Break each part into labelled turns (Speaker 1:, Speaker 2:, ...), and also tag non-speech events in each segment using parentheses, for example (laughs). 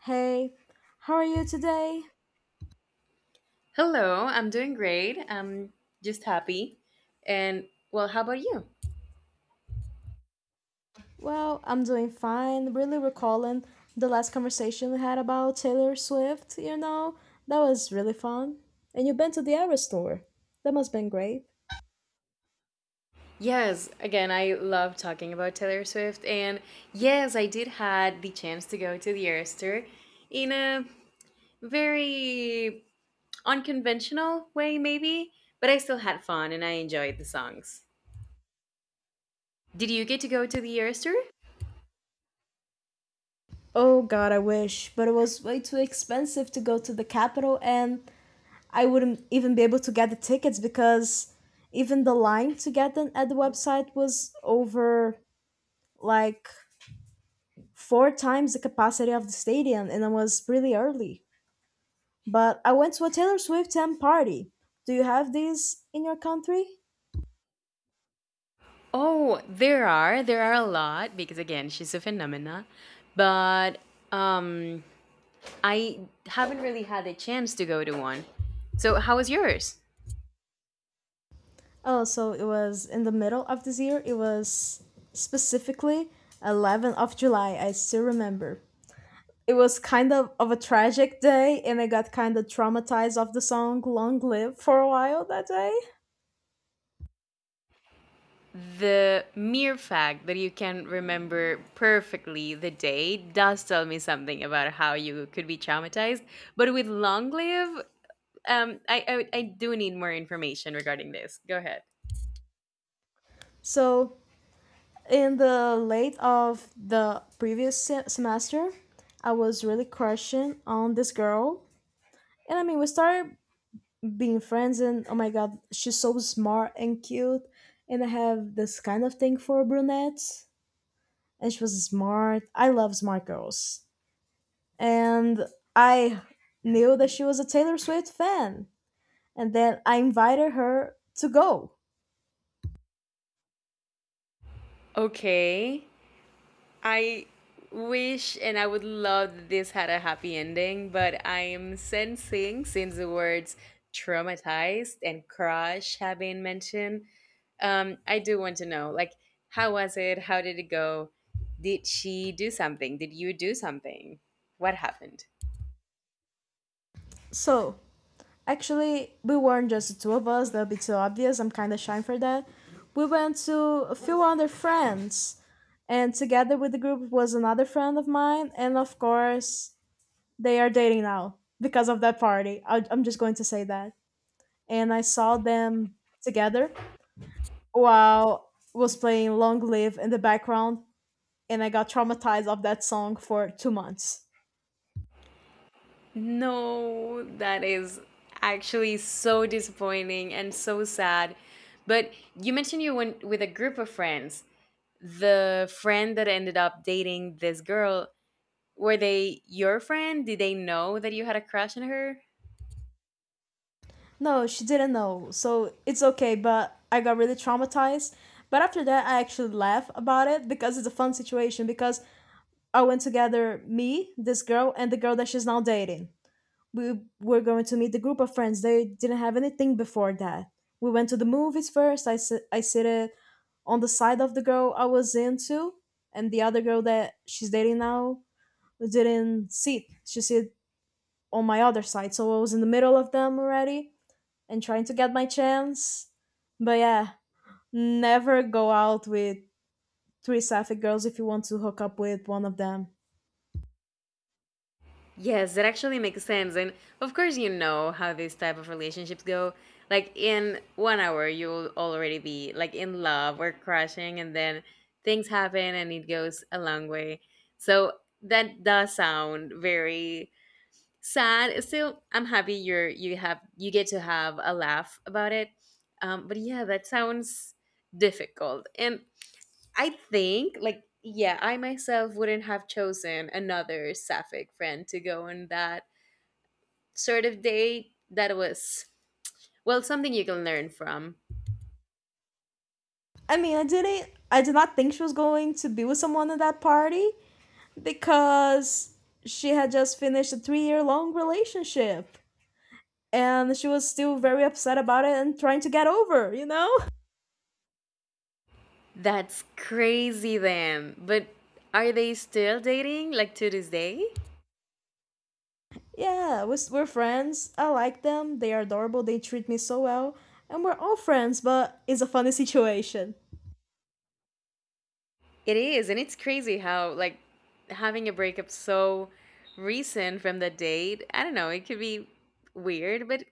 Speaker 1: Hey, how are you today?
Speaker 2: Hello, I'm doing great. I'm just happy. And well, how about you?
Speaker 1: Well, I'm doing fine. Really recalling the last conversation we had about Taylor Swift, you know? That was really fun. And you've been to the Eras tour. That must have been great.
Speaker 2: Yes, again, I love talking about Taylor Swift. And yes, I did had the chance to go to the Eras Tour in a very unconventional way, maybe, but I still had fun and I enjoyed the songs. Did you get to go to the Eras Tour?
Speaker 1: Oh god, I wish, but it was way too expensive to go to the Capitol, and I wouldn't even be able to get the tickets because even the line to get them at the website was over like 4 times the capacity of the stadium and it was really early. But I went to a Taylor Swift fan party. Do you have these in your country?
Speaker 2: Oh, there are. There are a lot because, again, she's a phenomena. But um, I haven't really had a chance to go to one. So, how was yours?
Speaker 1: Oh, so it was in the middle of this year. It was specifically 11th of July. I still remember. It was kind of a tragic day, and I got kind of traumatized of the song "Long Live" for a while that day.
Speaker 2: The mere fact that you can remember perfectly the day does tell me something about how you could be traumatized. But with long live, I do need more information regarding this. Go ahead.
Speaker 1: So in the late of the previous semester, I was really crushing on this girl, and I mean we started being friends and oh my god she's so smart and cute and I have this kind of thing for brunettes and she was smart, I love smart girls, and I knew that she was a Taylor Swift fan and then I invited her to go.
Speaker 2: Okay. I wish and I would love that this had a happy ending, but I am sensing since the words traumatized and crush have been mentioned, I do want to know, like, how was it? How did it go? Did she do something? Did you do something? What happened?
Speaker 1: So actually we weren't just the two of us, that would be too obvious, I'm kind of shy for that. We went to a few other friends and together with the group was another friend of mine and of course they are dating now because of that party. I'm just going to say that. And I saw them together while was playing Long Live in the background, and I got traumatized of that song for 2 months.
Speaker 2: No, that is actually so disappointing and so sad. But you mentioned you went with a group of friends. The friend that ended up dating this girl, were they your friend? Did they know that you had a crush on her?
Speaker 1: No, she didn't know, so it's okay. But I got really traumatized. But after that, I actually laugh about it because it's a fun situation. Because I went together, me, this girl, and the girl that she's now dating. We were going to meet the group of friends. They didn't have anything before that. We went to the movies first. I sit on the side of the girl I was into, and the other girl that she's dating now didn't sit. She sit on my other side, so I was in the middle of them already and trying to get my chance. But yeah, never go out with three sapphic girls if you want to hook up with one of them.
Speaker 2: Yes, that actually makes sense. And of course, you know how these type of relationships go. Like in 1 hour, you'll already be like in love or crushing, and then things happen and it goes a long way. So that does sound very sad still. I'm happy you get to have a laugh about it. But yeah, that sounds difficult, and I think, like, yeah, I myself wouldn't have chosen another sapphic friend to go on that sort of date. That was, well, something you can learn from.
Speaker 1: I mean, I didn't. I did not think she was going to be with someone at that party, because she had just finished a 3 year long relationship and she was still very upset about it and trying to get over, you know?
Speaker 2: That's crazy then, but are they still dating, like, to this day?
Speaker 1: Yeah, we're friends. I like them. They are adorable. They treat me so well. And we're all friends, but it's a funny situation.
Speaker 2: It is, and it's crazy how, like, having a breakup so recent from the date. I don't know, it could be weird, but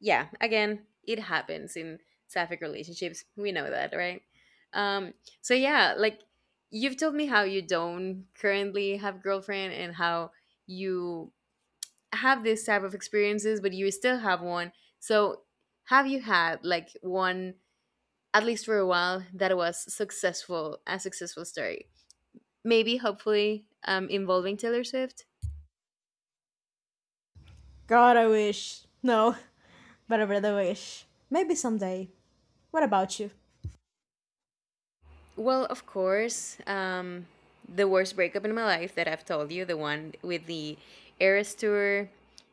Speaker 2: yeah, again, it happens in sapphic relationships. We know that, right? Um, so yeah, like, you've told me how you don't currently have girlfriend and how you have this type of experiences, but you still have one. So have you had, like, one at least for a while that was successful, a successful story? Maybe hopefully, involving Taylor Swift?
Speaker 1: God, I wish. No, (laughs) but I really wish. Maybe someday. What about you?
Speaker 2: Well, of course, the worst breakup in my life that I've told you, the one with the Eras Tour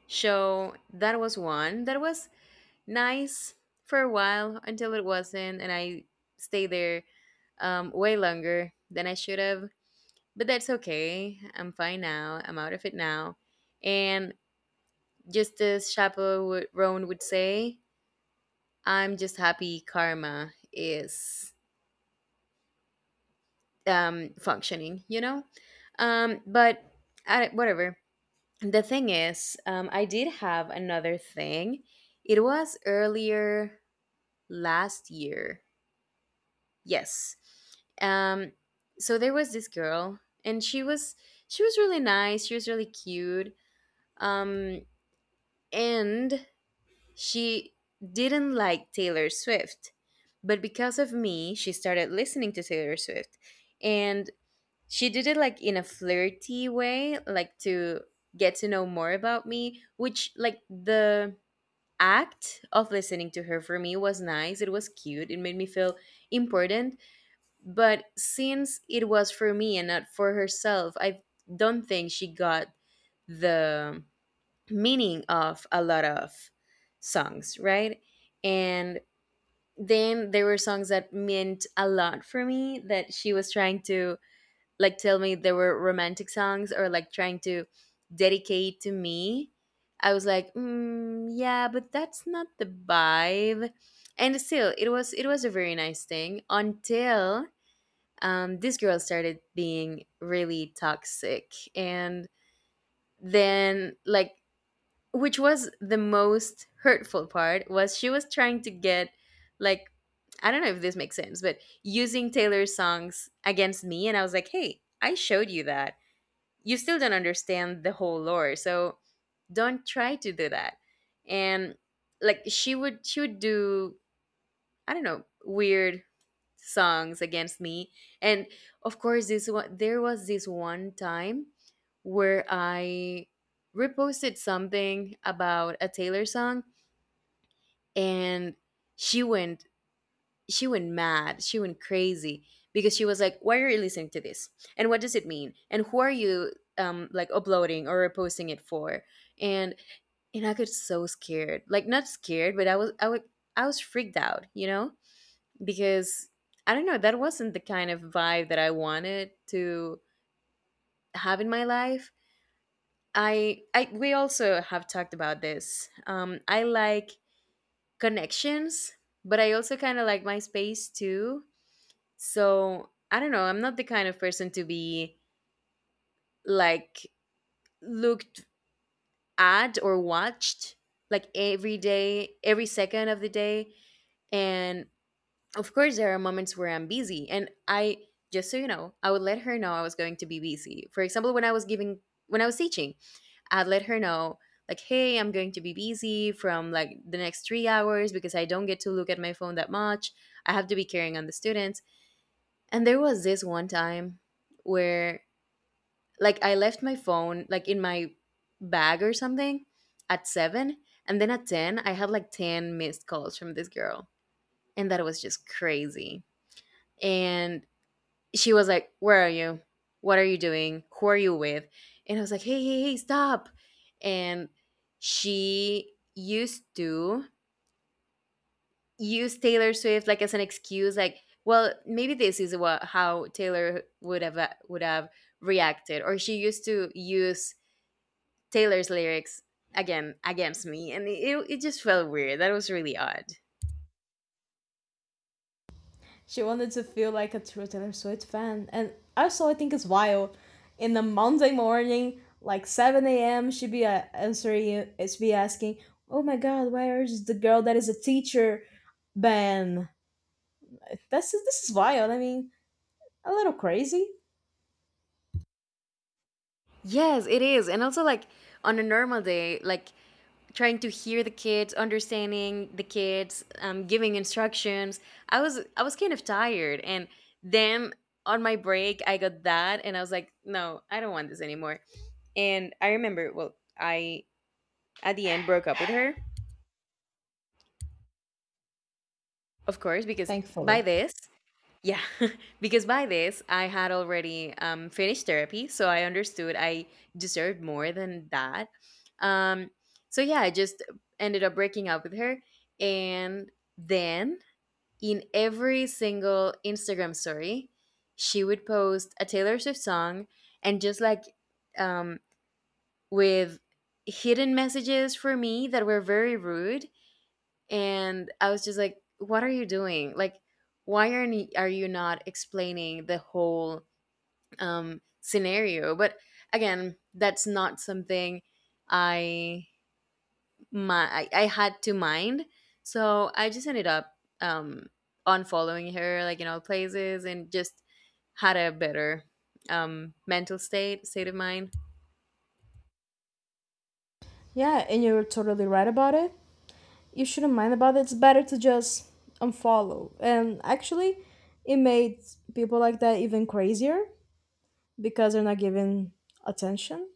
Speaker 2: show, that was one that was nice for a while until it wasn't, and I stayed there way longer than I should have. But that's okay. I'm fine now. I'm out of it now. And just as Roan would say, I'm just happy karma is, functioning, you know? Um, but whatever. The thing is, I did have another thing. It was earlier last year. Yes. Um, so there was this girl, and she was really nice. She was really cute. Um, and She didn't like Taylor Swift, but because of me, she started listening to Taylor Swift, and she did it like in a flirty way, like to get to know more about me, which, like, the act of listening to her for me was nice. It was cute. It made me feel important. But since it was for me and not for herself, I don't think she got the meaning of a lot of songs, right? And then there were songs that meant a lot for me that she was trying to, like, tell me. There were romantic songs or, like, trying to dedicate to me. I was like, mm, yeah, but that's not the vibe. And still, it was a very nice thing until, this girl started being really toxic. And then, like, which was the most hurtful part, was she was trying to get, like, I don't know if this makes sense, but using Taylor's songs against me. And I was like, hey, I showed you that. You still don't understand the whole lore, so don't try to do that. And, like, she would do, I don't know, weird songs against me. And of course, this one there was this one time where I reposted something about a Taylor song, and she went she went mad. She went crazy because she was like, why are you listening to this, and what does it mean, and who are you, like, uploading or posting it for? And and I got so scared. Like, not scared, but I was freaked out, you know? Because I don't know, that wasn't the kind of vibe that I wanted to have in my life. I We also have talked about this. I like connections, but I also kind of like my space too. So I don't know. I'm not the kind of person to be, like, looked at or watched, like, every day, every second of the day. And of course, there are moments where I'm busy. Just so you know, I would let her know I was going to be busy. For example, when I was teaching, I'd let her know, like, hey, I'm going to be busy from, like, the next 3 hours because I don't get to look at my phone that much. I have to be caring on the students. And there was this one time where, like, I left my phone, like, in my bag or something at 7, and then at 10 I had like 10 missed calls from this girl, and that was just crazy. And she was like, "Where are you? What are you doing? Who are you with?" And I was like, "Hey, hey, hey, stop." And she used to use Taylor Swift, like, as an excuse, like, well, maybe this is what how Taylor would have reacted, or she used to use Taylor's lyrics again against me, and it just felt weird. That was really odd.
Speaker 1: She wanted to feel like a true Taylor Swift fan. And also, I think it's wild. In the Monday morning, like 7 a.m., she'd be answering, she'd be asking, oh my god, where is the girl that is a teacher? Ben. This is wild. I mean, a little crazy.
Speaker 2: Yes, it is, and also, like, on a normal day, like, trying to hear the kids, understanding the kids, giving instructions. I was kind of tired, and then on my break I got that, and I was like, no, I don't want this anymore. And I remember, well, I At the end broke up with her, of course, because by
Speaker 1: Thankfully.
Speaker 2: this, yeah, (laughs) because by this I had already finished therapy, so I understood I deserved more than that. Um, so yeah, I just ended up breaking up with her, and then in every single Instagram story, she would post a Taylor Swift song, and just like, um, with hidden messages for me that were very rude. And I was just like, "What are you doing? Like, why are you, are you not explaining the whole, scenario?" But again, that's not something I I had to mind, so I just ended up, um, unfollowing her, like, in all places, and just had a better, mental state of mind.
Speaker 1: Yeah, and you're totally right about it. You shouldn't mind about it. It's better to just unfollow. And actually, it made people like that even crazier because they're not given attention.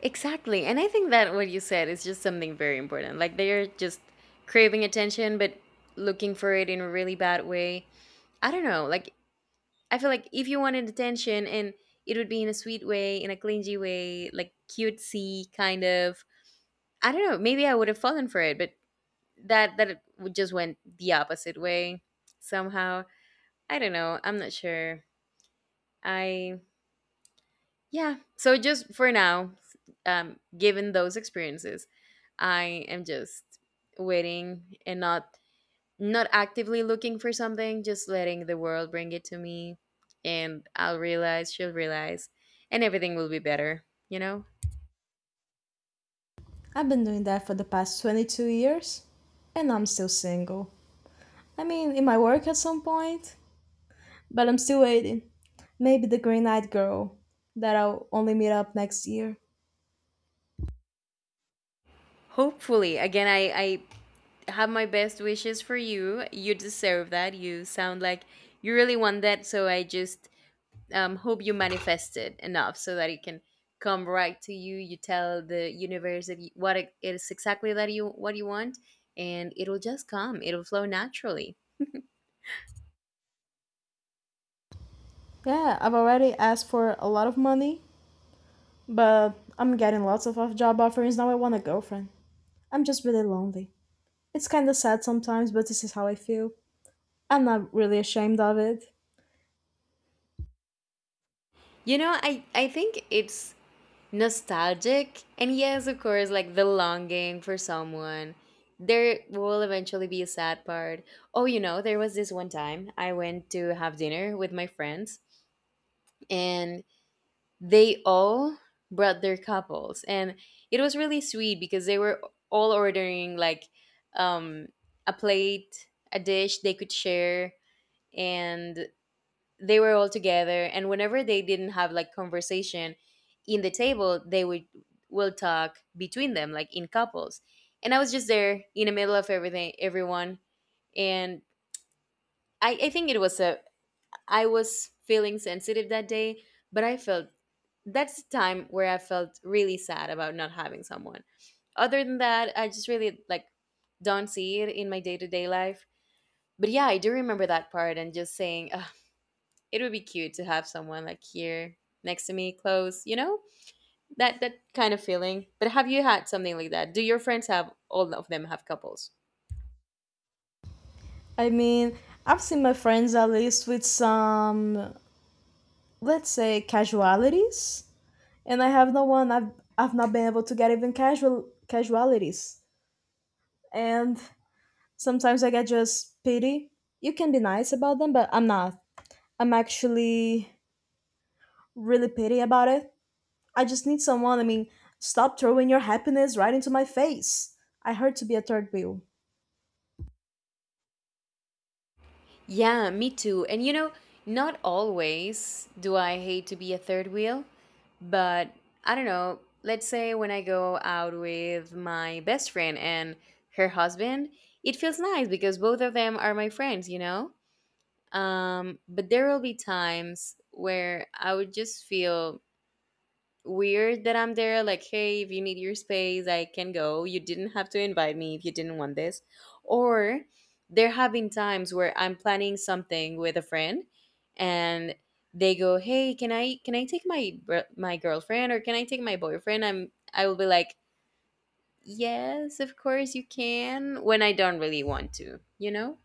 Speaker 2: Exactly. And I think that what you said is just something very important. Like, they're just craving attention, but looking for it in a really bad way. I don't know. Like, I feel like if you wanted attention and it would be in a sweet way, in a clingy way, like cutesy kind of. I don't know. Maybe I would have fallen for it, but that it would just went the opposite way somehow. I don't know. I'm not sure. I Yeah. So just for now, given those experiences, I am just waiting and not actively looking for something, just letting the world bring it to me, and I'll realize, she'll realize, and everything will be better, you know?
Speaker 1: I've been doing that for the past 22 years, and I'm still single. I mean, it might work at some point, but I'm still waiting. Maybe the Green Eyed Girl that I'll only meet up next year.
Speaker 2: Hopefully. I have my best wishes for you. You deserve that. You sound like you really want that, so I just, hope you manifest it enough so that it can come right to you. You tell the universe that you, what it is exactly that you want, and it'll just come. It'll flow naturally.
Speaker 1: Yeah, I've already asked for a lot of money, but I'm getting lots of off job offerings now. I want a girlfriend. I'm just really lonely. It's kind of sad sometimes, but this is how I feel. I'm not really ashamed of it.
Speaker 2: You know, I think it's nostalgic, and yes, of course, like the longing for someone. There will eventually be a sad part. Oh, you know, there was this one time I went to have dinner with my friends, and they all brought their couples, and it was really sweet because they were all ordering like um a plate, a dish they could share, and they were all together, and whenever they didn't have like conversation in the table they would will talk between them like in couples, and I was just there in the middle of everything everyone, and I think it was a I was feeling sensitive that day, but I felt that's the time where I felt really sad about not having someone. Other than that, I just really like don't see it in my day to day life. But yeah, I do remember that part and just saying, "Ugh, it would be cute to have someone like here next to me, close. You know, that kind of feeling." But have you had something like that? Do your friends have all of them have couples?
Speaker 1: I mean, I've seen my friends at least with some, let's say, casualities, and I have no one. I've not been able to get even casual casualities, and sometimes I get just pity. You can be nice about them, but I'm not. I'm actually really pity about it. I just need someone. I mean, stop throwing your happiness right into my face. I hurt to be a third wheel.
Speaker 2: Yeah, me too. And you know, not always do I hate to be a third wheel. But I don't know, let's say when I go out with my best friend and her husband, it feels nice because both of them are my friends, you know? But there will be times where I would just feel weird that I'm there. Like, hey, if you need your space, I can go. You didn't have to invite me if you didn't want this. Or there have been times where I'm planning something with a friend, and they go, "Hey, can I take my my girlfriend, or can I take my boyfriend?" I will be like, "Yes, of course you can," when I don't really want to, you know.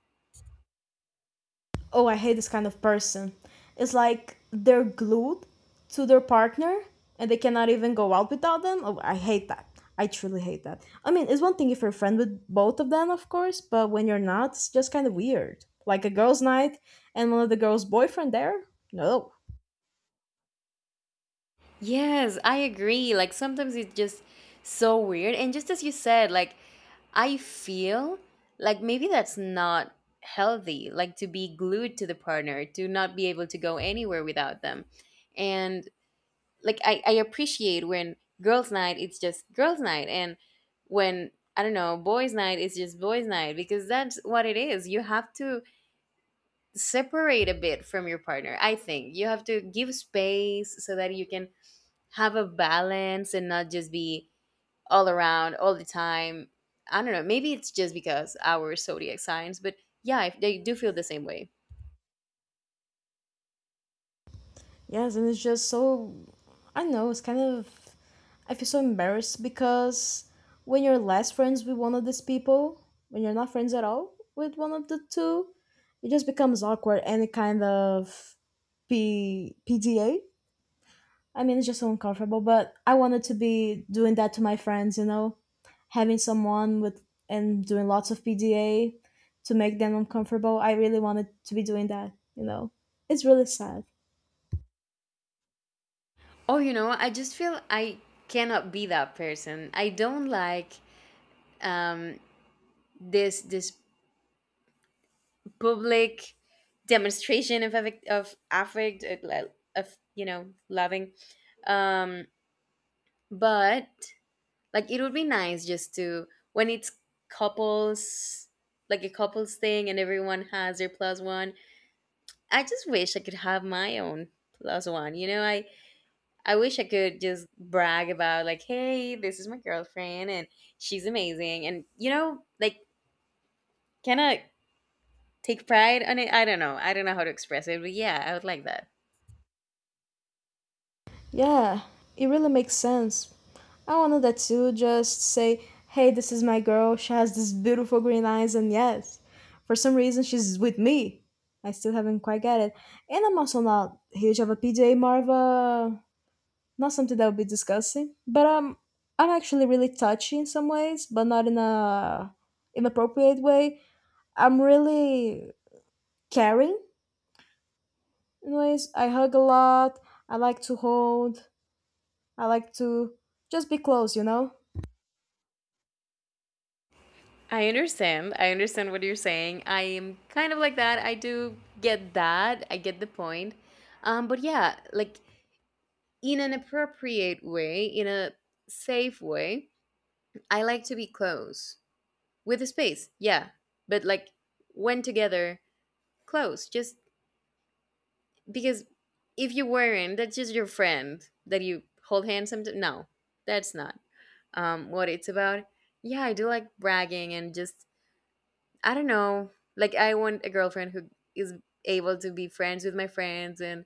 Speaker 1: Oh, I hate this kind of person. It's like they're glued to their partner and they cannot even go out without them. Oh, I hate that. I truly hate that. I mean, it's one thing if you're a friend with both of them, of course, but when you're not, it's just kind of weird. Like a girls' night and one of the girls' boyfriend there? No.
Speaker 2: Yes, I agree. Like sometimes it's just so weird. And just as you said, like I feel like maybe that's not healthy, like to be glued to the partner, to not be able to go anywhere without them. And like I appreciate when girls' night it's just girls' night, and when I don't know, boys' night it's just boys' night, because that's what it is. You have to separate a bit from your partner. I think you have to give space so that you can have a balance and not just be all around all the time. I don't know. Maybe it's just because our zodiac signs, but yeah, I, they do feel the same way.
Speaker 1: Yes, and it's just so, I don't know, it's kind of, I feel so embarrassed because when you're less friends with one of these people, when you're not friends at all with one of the two, it just becomes awkward any kind of P PDA. I mean it's just so uncomfortable, but I wanted to be doing that to my friends, you know, having someone with and doing lots of PDA to make them uncomfortable. I really wanted to be doing that, you know. It's really sad.
Speaker 2: Oh, you know, I just feel I cannot be that person. I don't like um, this public demonstration of affect like, of you know loving. Um, but like it would be nice just to when it's couples, like a couples thing, and everyone has their plus one. I just wish I could have my own plus one. You know, I wish I could just brag about like, hey, this is my girlfriend and she's amazing and you know, like can I take pride on it. I don't know. I don't know how to express it, but yeah, I would like that.
Speaker 1: Yeah, it really makes sense. I wanted that too, just say, hey, this is my girl, she has these beautiful green eyes, and yes, for some reason she's with me. I still haven't quite get it. And I'm also not huge of a PJ Marva, not something that would be disgusting, but I'm actually really touchy in some ways, but not in a inappropriate way. I'm really caring in ways. I hug a lot, I like to hold, I like to just be close, you know?
Speaker 2: I understand. I understand what you're saying. I am kind of like that. I do get that. I get the point. But yeah, like in an appropriate way, in a safe way, I like to be close. With the space, yeah, but like when together, close, just because if you weren't, that's just your friend that you hold hands sometimes. No, that's not what it's about. Yeah, I do like bragging and just I don't know, like I want a girlfriend who is able to be friends with my friends and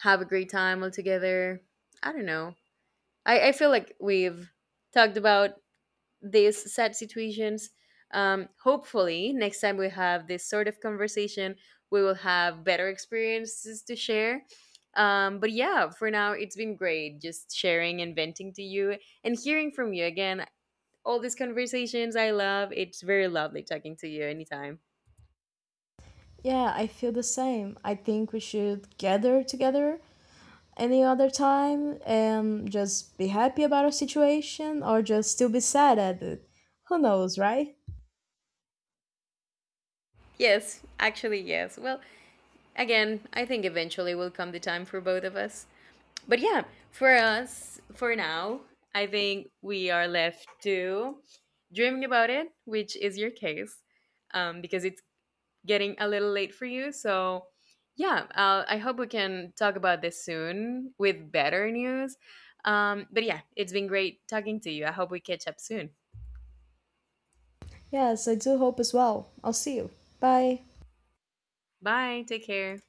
Speaker 2: have a great time all together. I don't know. I feel like we've talked about these sad situations. Hopefully, next time we have this sort of conversation, we will have better experiences to share. But yeah, for now, it's been great just sharing and venting to you and hearing from you again. All these conversations I love. It's very lovely talking to you anytime.
Speaker 1: Yeah, I feel the same. I think we should gather together any other time and just be happy about our situation or just still be sad at it. Who knows, right?
Speaker 2: Yes, actually, yes. Well, again, I think eventually will come the time for both of us. But yeah, for us, for now, I think we are left to dreaming about it, which is your case, because it's getting a little late for you. So yeah, I hope we can talk about this soon with better news. But yeah, it's been great talking to you. I hope we catch up soon.
Speaker 1: Yes, I do hope as well. I'll see you. Bye.
Speaker 2: Bye. Take care.